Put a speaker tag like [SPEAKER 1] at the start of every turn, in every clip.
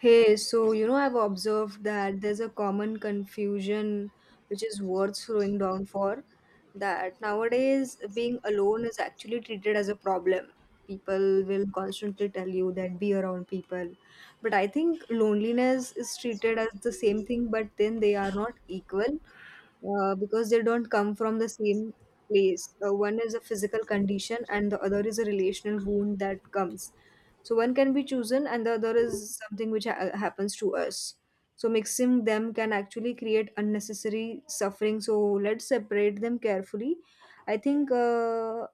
[SPEAKER 1] Hey, so you know, I've observed that there's a common confusion which is worth slowing down for. That nowadays, being alone is actually treated as a problem. People will constantly tell you that be around people. But I think loneliness is treated as the same thing, but then they are not equal because they don't come from the same place. One is a physical condition, and the other is a relational wound that comes. So one can be chosen, and the other is something which happens to us. So mixing them can actually create unnecessary suffering. So let's separate them carefully. I think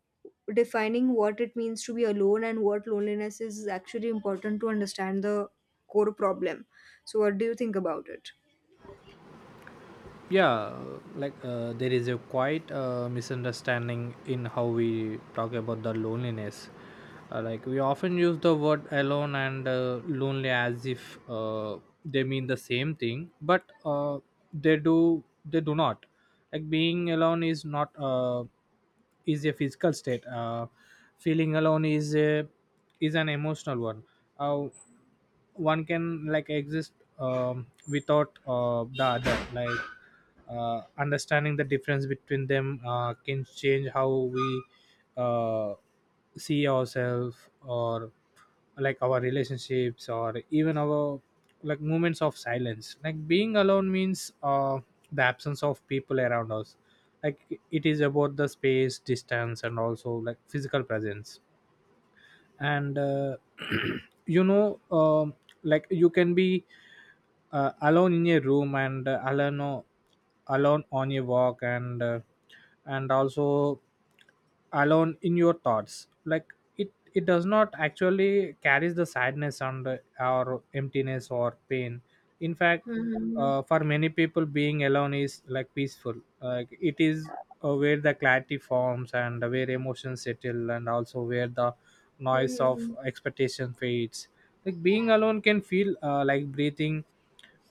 [SPEAKER 1] defining what it means to be alone and what loneliness is actually important to understand the core problem. So what do you think about it?
[SPEAKER 2] Yeah, like there is a quite misunderstanding in how we talk about the loneliness. Like we often use the word alone and lonely as if they mean the same thing, but they do not. Like being alone is not is a physical state. Feeling alone is a is an emotional one. uh, One can like exist without the other. Like understanding the difference between them can change how we uh, see ourselves, or like our relationships or even our like moments of silence. Like being alone means the absence of people around us. Like it is about the space distance and also like physical presence. And you know um, like you can be alone in your room and alone on your walk, and also alone in your thoughts. Like it does not actually carries the sadness and or emptiness or pain. In fact,
[SPEAKER 1] Mm-hmm.
[SPEAKER 2] for many people being alone is like peaceful. Like it is where the clarity forms and where emotions settle, and also where the noise of expectation fades. Like being alone can feel like breathing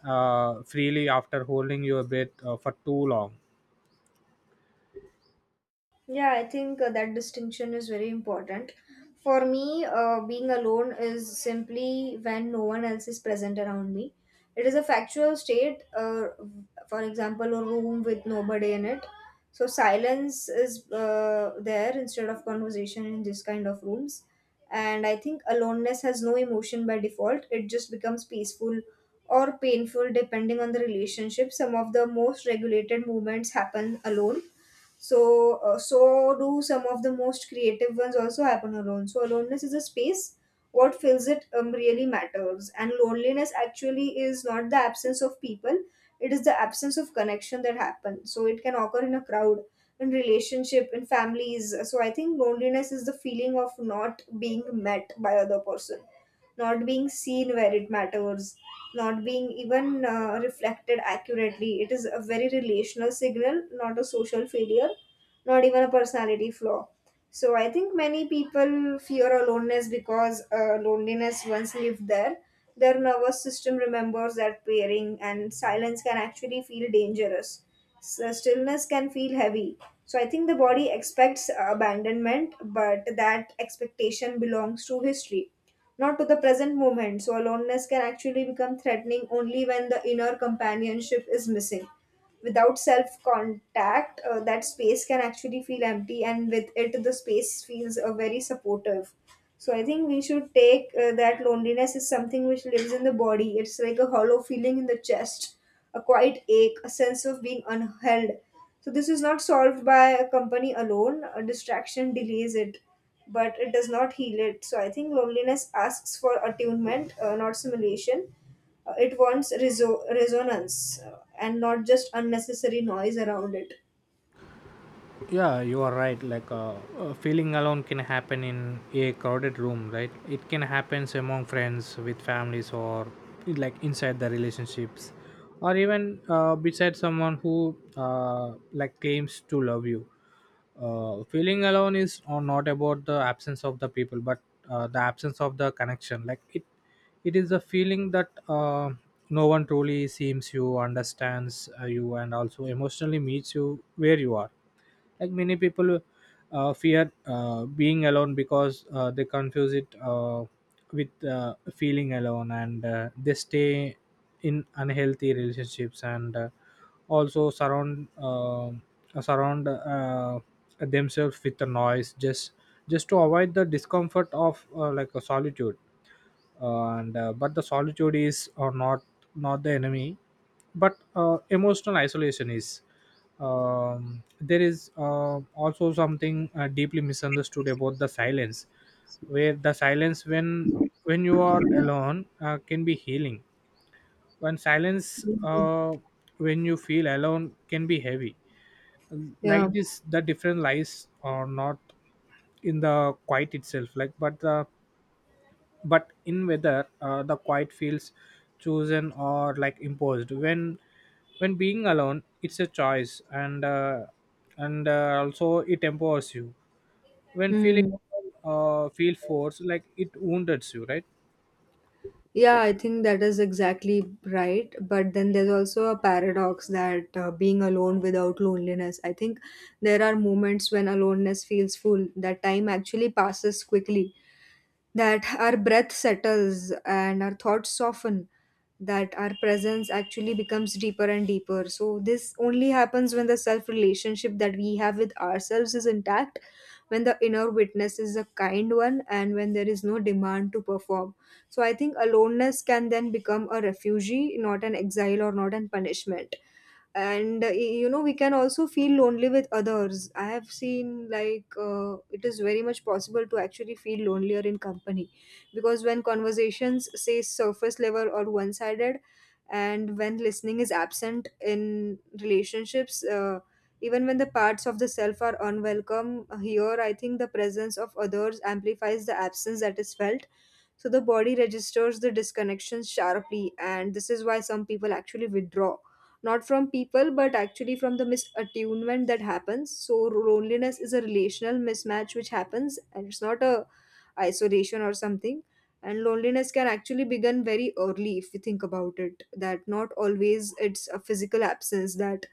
[SPEAKER 2] freely after holding your breath for too long.
[SPEAKER 1] Yeah, I think that distinction is very important. For me, being alone is simply when no one else is present around me. It is a factual state, for example, a room with nobody in it. So, silence is there instead of conversation in this kind of rooms. And I think aloneness has no emotion by default, it just becomes peaceful or painful depending on the relationship. Some of the most regulated movements happen alone so, so do some of the most creative ones also happen alone. So, aloneness is a space. What fills it really matters. And loneliness actually is not the absence of people, it is the absence of connection that happens. So, it can occur in a crowd in relationship in families. So I think loneliness is the feeling of not being met by other person, not being seen where it matters, not being even reflected accurately. It is a very relational signal, not a social failure, not even a personality flaw. So I think many people fear aloneness because loneliness once lived there. Their nervous system remembers that pairing, and silence can actually feel dangerous. So stillness can feel heavy. So I think the body expects abandonment, but that expectation belongs to history, not to the present moment. So aloneness can actually become threatening only when the inner companionship is missing. Without self contact, that space can actually feel empty, and with it, the space feels very supportive. So I think we should take that loneliness is something which lives in the body. It's like a hollow feeling in the chest, a quiet ache, a sense of being unheld. So this is not solved by a company alone. A distraction delays it, but it does not heal it. So I think loneliness asks for attunement, not simulation. It wants resonance and not just unnecessary noise around it.
[SPEAKER 2] Yeah, you are right. Like feeling alone can happen in a crowded room, right? It can happen among friends with families, or like inside the relationships, or even beside someone who like claims to love you. Feeling alone is or not about the absence of the people, but the absence of the connection. Like it is a feeling that no one truly seems you understands you, and also emotionally meets you where you are. Like many people fear being alone because they confuse it with feeling alone, and they stay in unhealthy relationships and also surround themselves with the noise, just to avoid the discomfort of like a solitude. And but the solitude is or not not the enemy, but emotional isolation is. There is also something deeply misunderstood about the silence, where the silence, when you are alone can be healing. When silence, when you feel alone, can be heavy.
[SPEAKER 1] Yeah.
[SPEAKER 2] Like this the difference lies or not in the quiet itself, like but the but in whether the quiet feels chosen or like imposed. When being alone it's a choice, and also it empowers you. When feeling,
[SPEAKER 1] Hmm.
[SPEAKER 2] feel forced, like it wounds you, right?
[SPEAKER 1] Yeah, I think that is exactly right. But then there's also a paradox that being alone without loneliness. I think there are moments when aloneness feels full, that time actually passes quickly, that our breath settles and our thoughts soften, that our presence actually becomes deeper and deeper. So, this only happens when the self relationship that we have with ourselves is intact, when the inner witness is a kind one, and when there is no demand to perform. So, I think aloneness can then become a refugee, not an exile or not an punishment. And we can also feel lonely with others. I have seen, it is very much possible to actually feel lonelier in company, because when conversations say surface level or one sided, and when listening is absent in relationships, even when the parts of the self are unwelcome here, I think the presence of others amplifies the absence that is felt. So the body registers the disconnection sharply, and this is why some people actually withdraw. Not from people, but actually from the misattunement that happens. So loneliness is a relational mismatch which happens, and it's not a isolation or something. And loneliness can actually begin very early if we think about it. That not always it's a physical absence, that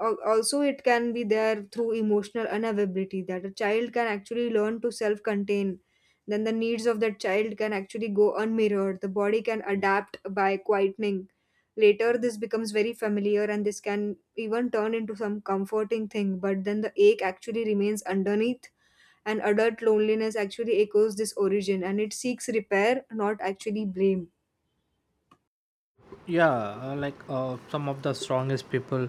[SPEAKER 1] Also it can be there through emotional unavailability, that a child can actually learn to self contain, then the needs of that child can actually go unmirrored, the body can adapt by quietening. Later this becomes very familiar, and this can even turn into some comforting thing, but then the ache actually remains underneath. And adult loneliness actually echoes this origin, and it seeks repair, not actually blame.
[SPEAKER 2] Yeah, like some of the strongest people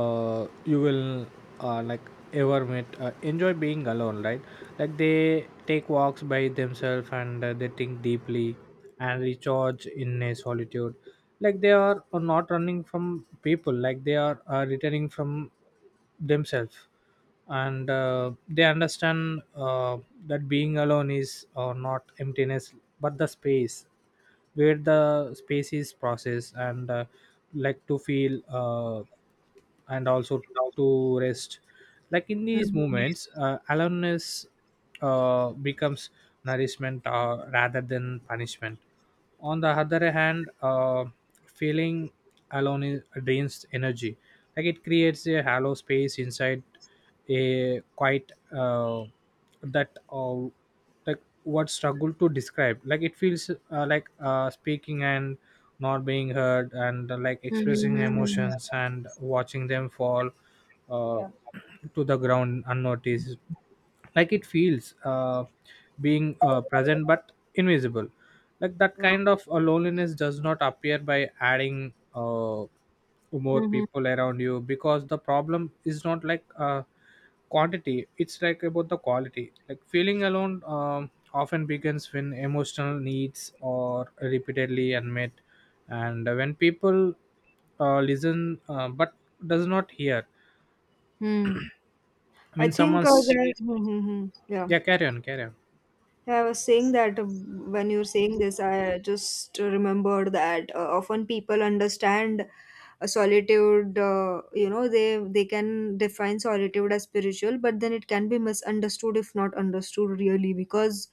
[SPEAKER 2] you will like ever met enjoy being alone, right? Like they take walks by themselves, and they think deeply and recharge in a solitude. Like they are not running from people, like they are returning from themselves. And they understand that being alone is not emptiness, but the space where the space is processed, and like to feel and also to rest. Like in these
[SPEAKER 1] Mhm.
[SPEAKER 2] moments aloneness becomes nourishment rather than punishment. On the other hand, feeling alone is, drains energy. Like it creates a hollow space inside, a quite that like what struggle to describe. Like it feels like speaking and not being heard, and like expressing
[SPEAKER 1] Mhm.
[SPEAKER 2] emotions and watching them fall uh,
[SPEAKER 1] Yeah.
[SPEAKER 2] to the ground unnoticed. Like it feels being present but invisible. Like that
[SPEAKER 1] Mhm.
[SPEAKER 2] kind of loneliness does not appear by adding more
[SPEAKER 1] Mhm.
[SPEAKER 2] people around you, because the problem is not like quantity, it's like about the quality. Like feeling alone often begins when emotional needs are repeatedly unmet, and when people listen but does not hear.
[SPEAKER 1] Hmm.
[SPEAKER 2] I
[SPEAKER 1] I
[SPEAKER 2] mean,
[SPEAKER 1] think
[SPEAKER 2] someone's.
[SPEAKER 1] there, mhm, mhm. Yeah,
[SPEAKER 2] Yeah, carry on, carry on.
[SPEAKER 1] I was saying that when you were saying this, I just remembered that often people understand a solitude. They can define solitude as spiritual, but then it can be misunderstood if not understood really, because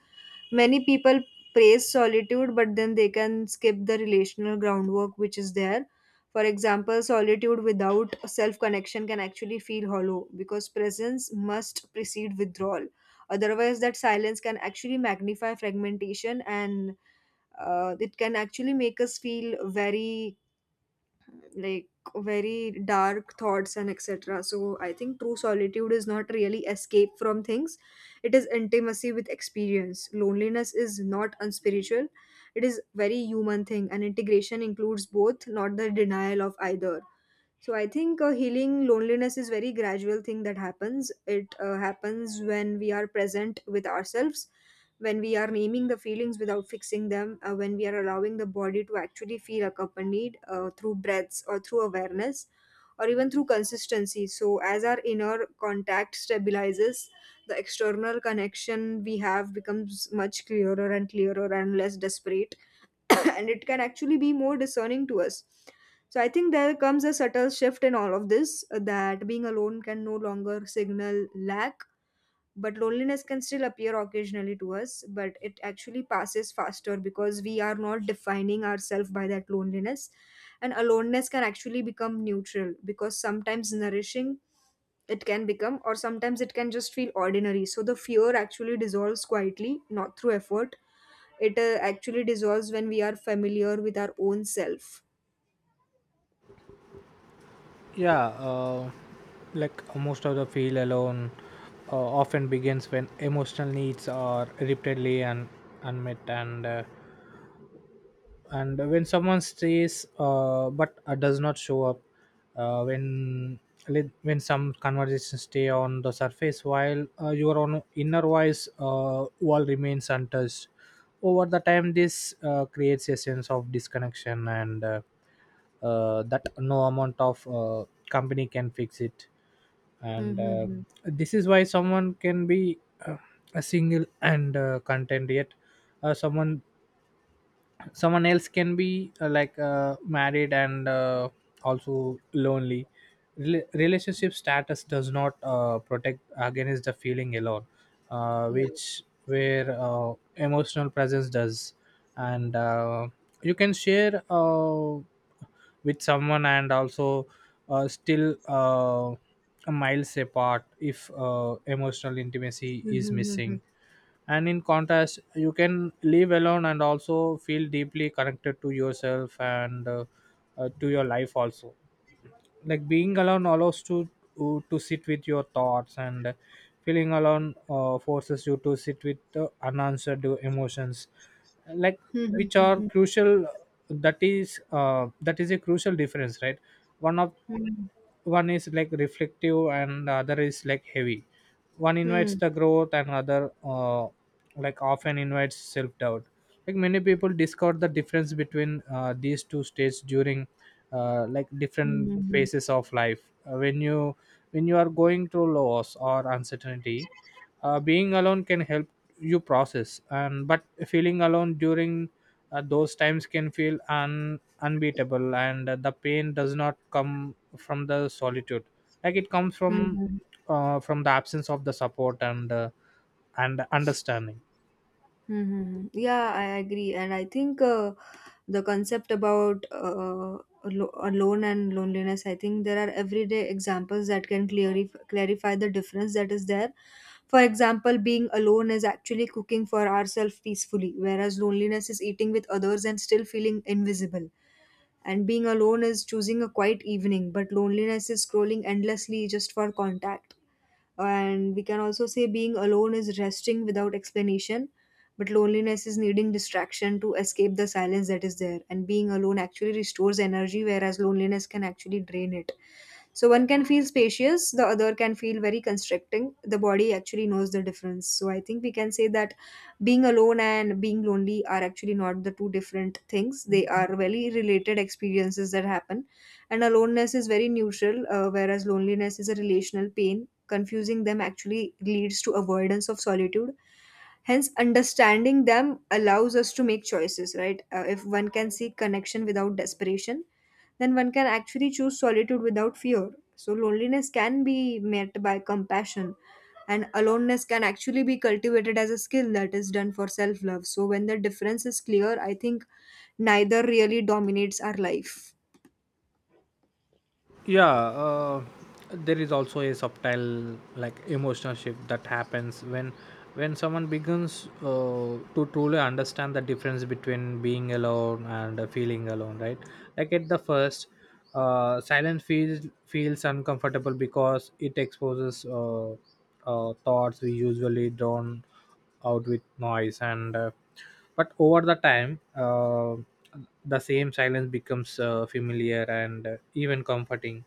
[SPEAKER 1] many people praise solitude but then they can skip the relational groundwork which is there. For example, solitude without self connection can actually feel hollow, because presence must precede withdrawal. Otherwise that silence can actually magnify fragmentation, and it can actually make us feel very like very dark thoughts and etc. So I think true solitude is not really escape from things. It is intimacy with experience. Loneliness is not unspiritual. It is very human thing, and integration includes both, not the denial of either. So I think healing loneliness is very gradual thing that happens. It happens when we are present with ourselves, when we are naming the feelings without fixing them, when we are allowing the body to actually feel accompanied through breaths or through awareness or even through consistency. So as our inner contact stabilizes, the external connection we have becomes much clearer and clearer and less desperate and it can actually be more discerning to us. So I think there comes a subtle shift in all of this, that being alone can no longer signal lack, but loneliness can still appear occasionally to us, but it actually passes faster because we are not defining ourselves by that loneliness. And aloneness can actually become neutral, because sometimes nourishing it can become, or sometimes it can just feel ordinary. So the fear actually dissolves quietly, not through effort. It actually dissolves when we are familiar with our own self.
[SPEAKER 2] Yeah, like most of the feel alone often begins when emotional needs are repeatedly and unmet, and when someone stays but does not show up. When when some conversations stay on the surface while your own inner voice wall remains untouched. Over the time this creates a sense of disconnection, and that no amount of company can fix it. And
[SPEAKER 1] Mm-hmm.
[SPEAKER 2] this is why someone can be uh, a single and content, yet uh, someone someone else can be like married and also lonely. Relationship status does not protect against the feeling alone,
[SPEAKER 1] Yeah.
[SPEAKER 2] which where emotional presence does. And you can share with someone and also still miles apart if emotional intimacy is
[SPEAKER 1] Mm-hmm.
[SPEAKER 2] missing. And in contrast, you can live alone and also feel deeply connected to yourself, and to your life also. Like being alone allows to to sit with your thoughts, and feeling alone forces you to sit with the unanswered emotions, like
[SPEAKER 1] Mm-hmm.
[SPEAKER 2] which are
[SPEAKER 1] Mm-hmm.
[SPEAKER 2] crucial. That is a crucial difference, right? one of One is like reflective and the other is like heavy. One invites
[SPEAKER 1] Mm-hmm.
[SPEAKER 2] the growth and other like often invites self doubt. Like many people discard the difference between these two states during like different
[SPEAKER 1] Mm-hmm.
[SPEAKER 2] phases of life. Uh, when you when you are going through loss or uncertainty, being alone can help you process, and but feeling alone during those times can feel unbeatable, and the pain does not come from the solitude, like it comes from
[SPEAKER 1] Mm-hmm.
[SPEAKER 2] from the absence of the support and understanding.
[SPEAKER 1] Mm-hmm. Yeah, I agree. And I think the concept about alone and loneliness, I think there are everyday examples that can clearly clarify the difference that is there. For example, being alone is actually cooking for ourselves peacefully, whereas loneliness is eating with others and still feeling invisible. And being alone is choosing a quiet evening, but loneliness is scrolling endlessly just for contact. And we can also say being alone is resting without explanation, but loneliness is needing distraction to escape the silence that is there. And being alone actually restores energy, whereas loneliness can actually drain it. So one can feel spacious, the other can feel very constricting. The body actually knows the difference. So I think we can say that being alone and being lonely are actually not the two different things, they are very related experiences that happen. And aloneness is very neutral, whereas loneliness is a relational pain. Confusing them actually leads to avoidance of solitude, hence understanding them allows us to make choices right. If one can seek connection without desperation, then one can actually choose solitude without fear. So loneliness can be met by compassion, and aloneness can actually be cultivated as a skill that is done for self love. So when the difference is clear, I think neither really dominates our life.
[SPEAKER 2] Yeah, there is also a subtle like emotional shift that happens when someone begins to truly understand the difference between being alone and feeling alone, right? Like at the first, silence feels uncomfortable because it exposes thoughts we usually drown out with noise, and but over the time the same silence becomes familiar and even comforting.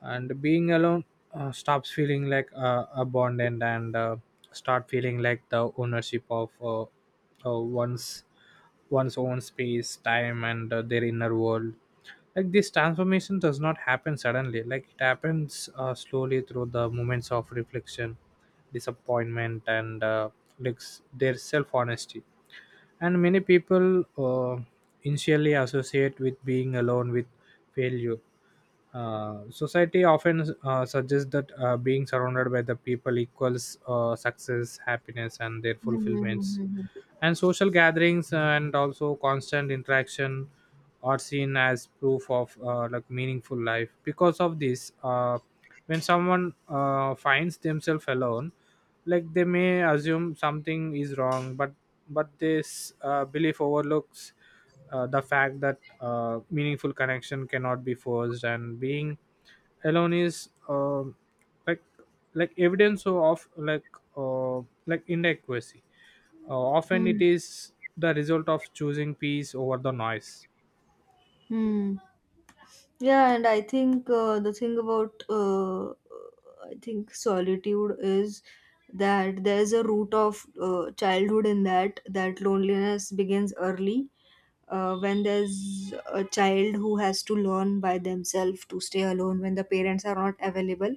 [SPEAKER 2] And being alone stops feeling like a bond, and start feeling like the ownership of uh, one's one's own space time and their inner world. Like this transformation does not happen suddenly, like it happens slowly through the moments of reflection, disappointment, and like their self honesty. And many people initially associate with being alone with failure. Society often suggests that being surrounded by the people equals success, happiness, and their
[SPEAKER 1] Hmm, hmm, hmm,
[SPEAKER 2] fulfillments,
[SPEAKER 1] hmm, hmm.
[SPEAKER 2] and social gatherings and also constant interaction are seen as proof of like meaningful life. Because of this, when someone finds themselves alone, like they may assume something is wrong, but this belief overlooks the fact that meaningful connection cannot be forced, and being alone is like evidence of uh, like inadequacy. Often it
[SPEAKER 1] Hmm.
[SPEAKER 2] is the result of choosing peace over the noise.
[SPEAKER 1] Hmm. Yeah, and I think the thing about I think solitude is that there's a root of childhood in that, that loneliness begins early, when there's a child who has to learn by themselves to stay alone when the parents are not available.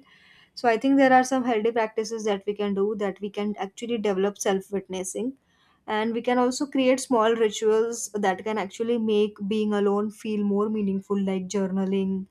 [SPEAKER 1] So I think there are some healthy practices that we can do, that we can actually develop self witnessing, and we can also create small rituals that can actually make being alone feel more meaningful, like journaling,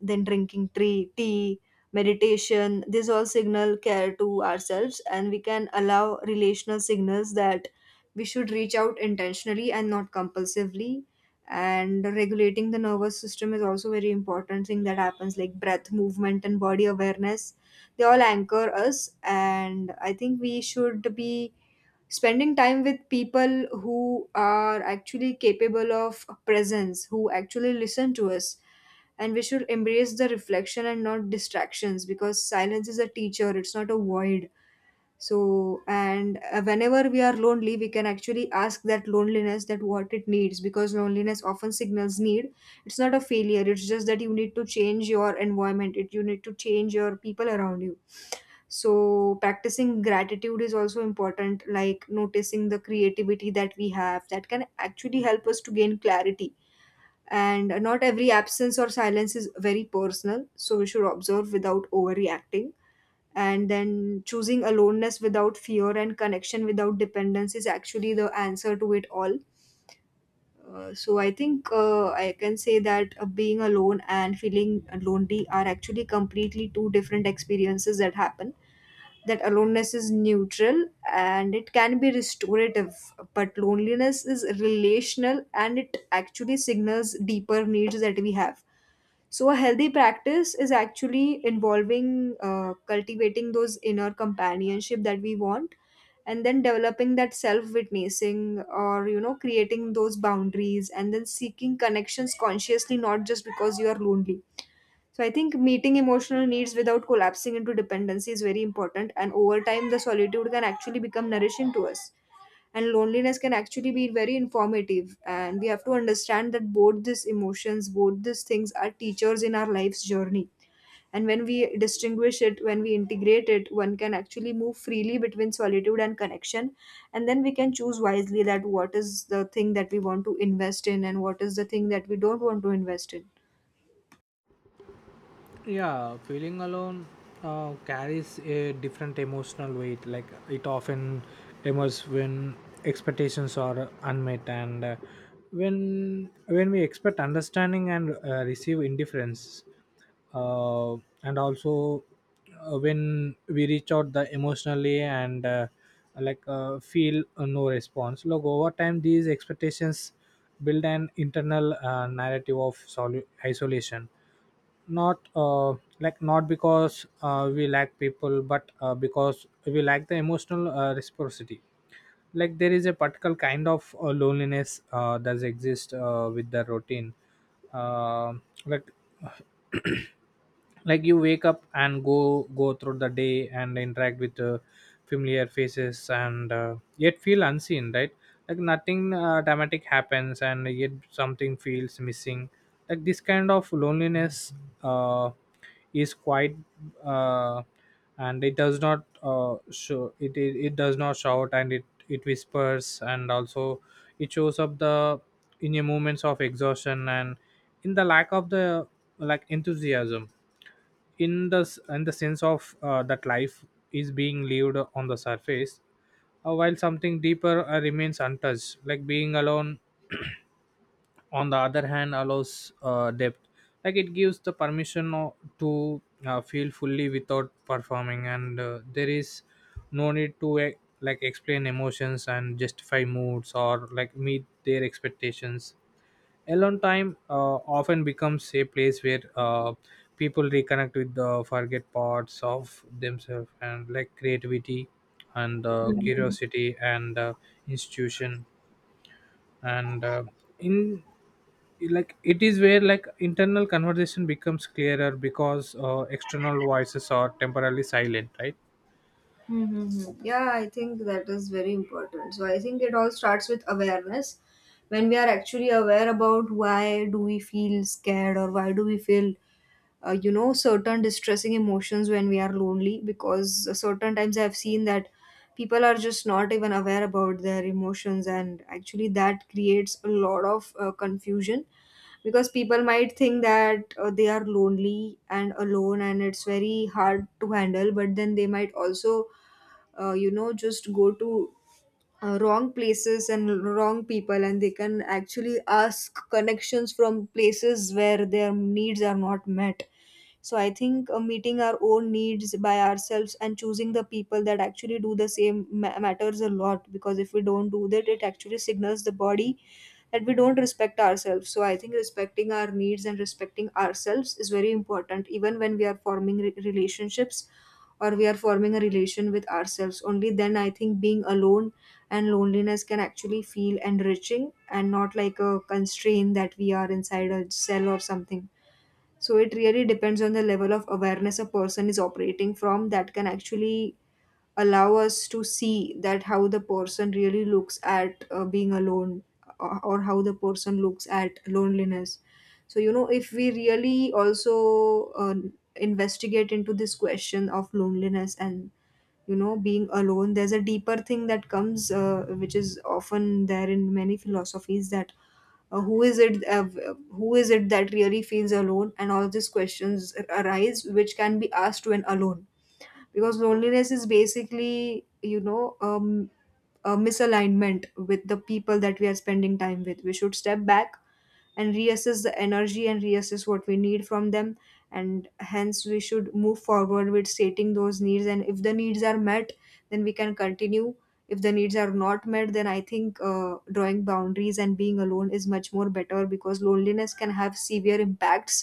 [SPEAKER 1] then drinking tea, meditation. These all signal care to ourselves, and we can allow relational signals that we should reach out intentionally and not compulsively. And regulating the nervous system is also very important thing that happens, like breath, movement and body awareness. They all anchor us, and I think we should be spending time with people who are actually capable of presence, who actually listen to us. And we should embrace the reflection and not distractions, because silence is a teacher, it's not a void. So and uh, whenever we are lonely, we can actually ask that loneliness that what it needs, because loneliness often signals need. It's not a failure, it's just that you need to change your environment, it you need to change your people around you. So, practicing gratitude is also important, like noticing the creativity that we have, that can actually help us to gain clarity. And not every absence or silence is very personal, so we should observe without overreacting. And then choosing aloneness without fear and connection without dependence is actually the answer to it all. So I think I can say that being alone and feeling lonely are actually completely two different experiences that happen, that aloneness is neutral and it can be restorative, but loneliness is relational and it actually signals deeper needs that we have. So, a healthy practice is actually involving cultivating those inner companionship that we want, and then developing that self witnessing, or, you know, creating those boundaries, and then seeking connections consciously, not just because you are lonely. So, I think meeting emotional needs without collapsing into dependency is very important. And over time, the solitude can actually become nourishing to us, and loneliness can actually be very informative, and we have to understand that both these things are teachers in our life's journey. And when we distinguish it, when we integrate it, one can actually move freely between solitude and connection. And then we can choose wisely that what is the thing that we want to invest in and what is the thing that we don't want to invest
[SPEAKER 2] Yeah, feeling alone carries a different emotional weight. Like it often emerges when expectations are unmet, and when we expect understanding and receive indifference, uh, and also when we reach out the emotionally and like feel no response. Look, over time these expectations build an internal narrative of isolation, not like not because we lack people, but because we lack the emotional reciprocity. Like there is a particular kind of loneliness does exist with the routine. uh, like like you wake up and go through the day and interact with familiar faces and yet feel unseen, right? Like nothing dramatic happens and yet something feels missing. Like this kind of loneliness uh, is quite, uh, and it does not show it. It does not shout, and it whispers, and also it shows up the in your moments of exhaustion and in the lack of the like enthusiasm, in the in the sense of that life is being lived on the surface, while something deeper remains untouched. Like being alone on the other hand allows depth. Like it gives the permission to feel fully without performing, and there is no need to like explain emotions and justify moods or like meet their expectations. Alone time often becomes a place where people reconnect with the forget parts of themselves, and like creativity and
[SPEAKER 1] in.
[SPEAKER 2] curiosity and institution, and in like it is where like internal conversation becomes clearer because external voices are temporarily silent, right?
[SPEAKER 1] Mm-hmm. Yeah, I think that is very important. So I think it all starts with awareness. When we are actually aware about why do we feel scared, or why do we feel you know, certain distressing emotions when we are lonely, because certain times I've seen that people are just not even aware about their emotions, and actually that creates a lot of confusion, because people might think that they are lonely and alone and it's very hard to handle, but then they might also you know, just go to wrong places and wrong people, and they can actually ask connections from places where their needs are not met. So I think meeting our own needs by ourselves and choosing the people that actually do the same matters a lot, because if we don't do that, it actually signals the body that we don't respect ourselves. So I think respecting our needs and respecting ourselves is very important, even when we are forming relationships, or we are forming a relation with ourselves. Only then I think being alone and loneliness can actually feel enriching and not like a constraint that we are inside a cell or something. So it really depends on the level of awareness a person is operating from, that can actually allow us to see that how the person really looks at being alone, or how the person looks at loneliness. So you know, if we really also investigate into this question of loneliness and, you know, being alone, there's a deeper thing that comes which is often there in many philosophies, that uh, who is it uh, who is it that really feels alone, and all these questions arise which can be asked when alone. Because loneliness is basically, you know, a misalignment with the people that we are spending time with. We should step back and reassess the energy and reassess what we need from them, and hence we should move forward with stating those needs. And if the needs are met, then we can continue. If the needs are not met, then I think drawing boundaries and being alone is much more better, because loneliness can have severe impacts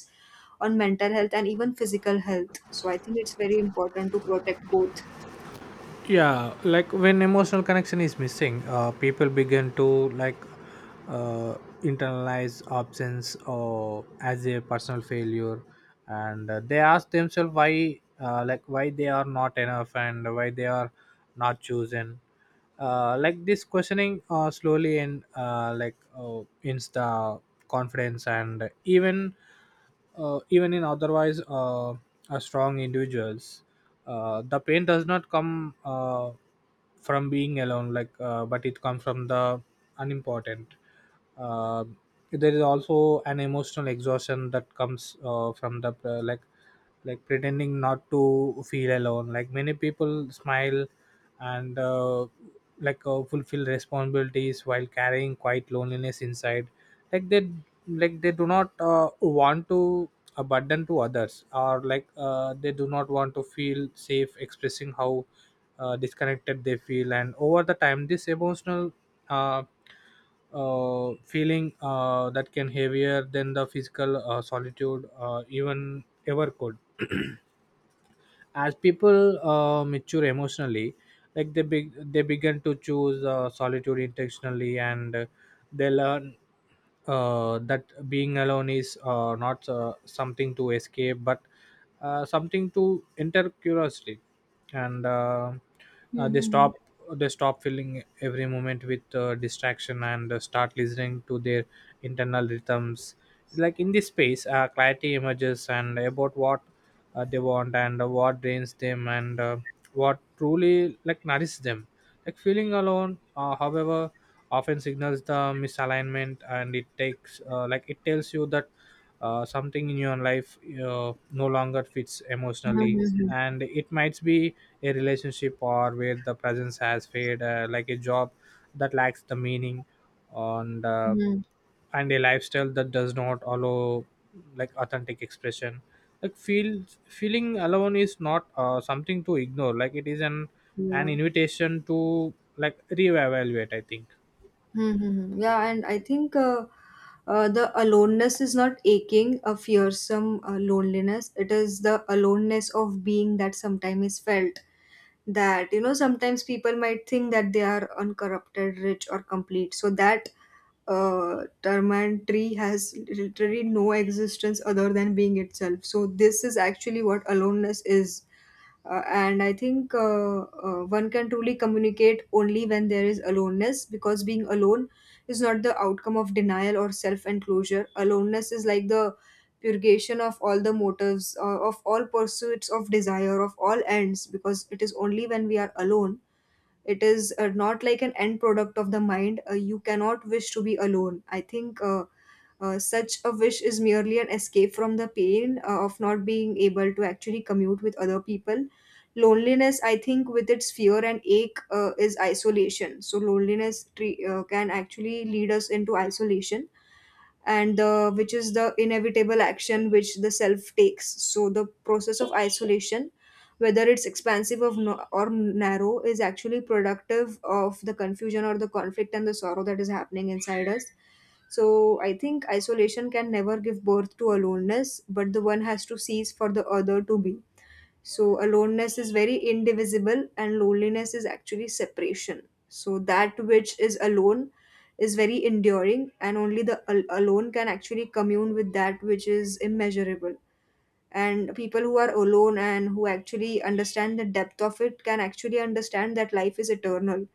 [SPEAKER 1] on mental health and even physical health. So I think it's very important to protect both.
[SPEAKER 2] Yeah, like when emotional connection is missing, people begin to like uh, internalize absence or as a personal failure, and they ask themselves why, like why they are Not enough, and why they are not chosen. Like this questioning, slowly and insta confidence and even, even in otherwise, are strong individuals. The pain does not come from being alone, but it comes from the unimportant. uh, there is also an emotional exhaustion that comes from the, like pretending not to feel alone. Like, many people smile and fulfill responsibilities while carrying quite loneliness inside. like they like, they do not want to a burden to others, or like they do not want to feel safe expressing how disconnected they feel, and over the time this emotional, uh, feeling that can heavier than the physical solitude, even ever could. As people mature emotionally, like they begin to choose solitude intentionally, and they learn that being alone is, not something to escape, but something to enter curiosity. And They
[SPEAKER 1] Mm-hmm.
[SPEAKER 2] stop, they stop filling every moment with distraction, and start listening to their internal rhythms. Like, in this space, clarity emerges, and about what they want, and what drains them, and what truly like nourishes them. Like, feeling alone, however, often signals the misalignment, and it takes, it tells you that something in your life no longer fits emotionally.
[SPEAKER 1] Mhm.
[SPEAKER 2] And it might be a relationship or where the presence has faded, like a job that lacks the meaning. and uh,
[SPEAKER 1] Mhm.
[SPEAKER 2] and a lifestyle that does not allow like authentic expression. Like, feeling alone is not something to ignore, like it is an
[SPEAKER 1] Yeah.
[SPEAKER 2] invitation to like reevaluate, I think.
[SPEAKER 1] Mm-hmm. Yeah, and I think the aloneness is not aching, a fearsome loneliness. It is the aloneness of being that sometimes is felt, that you know, sometimes people might think that they are uncorrupted, rich or complete, so that termite tree has literally no existence other than being itself. So this is actually what aloneness is. And I think one can truly communicate only when there is aloneness, because being alone is not the outcome of denial or self enclosure. Aloneness is like the purgation of all the motives, of all pursuits of desire, of all ends, because it is only when we are alone. It is not like an end product of the mind. You cannot wish to be alone. I think such a wish is merely an escape from the pain of not being able to actually commute with other people. Loneliness, I think, with its fear and ache, is isolation. So, loneliness can actually lead us into isolation, and the which is the inevitable action which the self takes. So the process of isolation, whether it's expansive of no, or narrow, is actually productive of the confusion or the conflict and the sorrow that is happening inside us. So I think isolation can never give birth to aloneness, but the one has to cease for the other to be. So aloneness is very indivisible, and loneliness is actually separation. So that which is alone is very enduring, and only the alone can actually commune with that which is immeasurable. And people who are alone and who actually understand the depth of it can actually understand that life is eternal,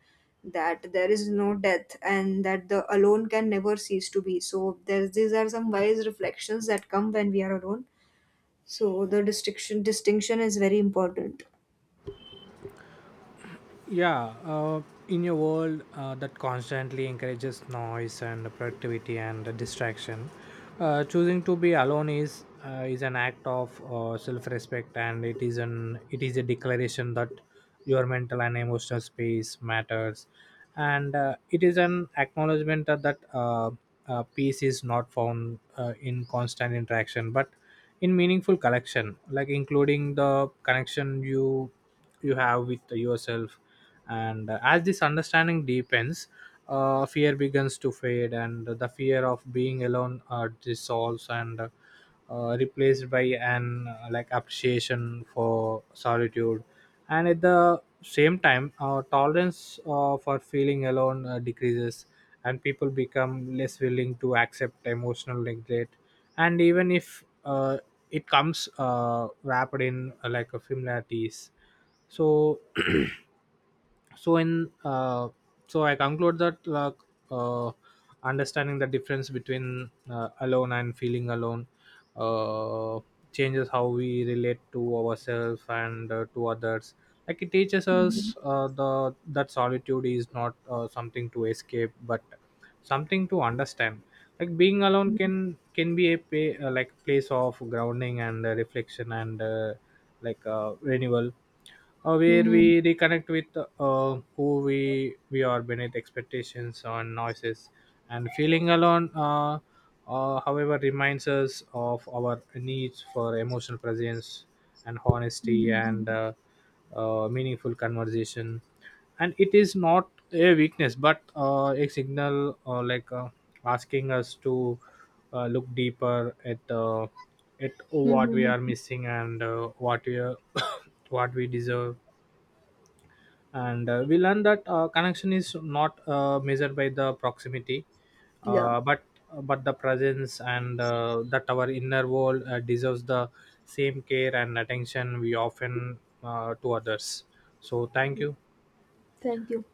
[SPEAKER 1] that there is no death, and that the alone can never cease to be. So there's, these are some wise reflections that come when we are alone. So the distinction is very important.
[SPEAKER 2] Yeah, in a world that constantly encourages noise and productivity and distraction, choosing to be alone is, is an act of self-respect, and it is an it is a declaration that your mental and emotional space matters, and it is an acknowledgement that, that peace is not found in constant interaction, but in meaningful collection, like including the connection you have with yourself. And as this understanding deepens, fear begins to fade, and the fear of being alone dissolves and replaced by an appreciation for solitude. And at the same time, tolerance for feeling alone decreases, and people become less willing to accept emotional neglect, and even if it comes wrapped in like a familiarities. So so in uh, so I conclude that uh, understanding the difference between alone and feeling alone uh, changes how we relate to ourselves and to others. Like, it teaches us the that solitude is not something to escape, but something to understand. Like, being alone can be a pay, like place of grounding and reflection and renewal, where we reconnect with who we are beneath expectations and noises. And feeling alone, however, reminds us of our needs for emotional presence and honesty, and
[SPEAKER 1] Mhm.
[SPEAKER 2] meaningful conversation. And it is not a weakness, but a signal, asking us to look deeper at what we are
[SPEAKER 1] Mhm.
[SPEAKER 2] missing, and what we are what we deserve. And we learn that connection is not measured by the proximity,
[SPEAKER 1] Yeah,
[SPEAKER 2] uh, but but the presence, and that our inner world deserves the same care and attention we often to others. So thank you.
[SPEAKER 1] thank you.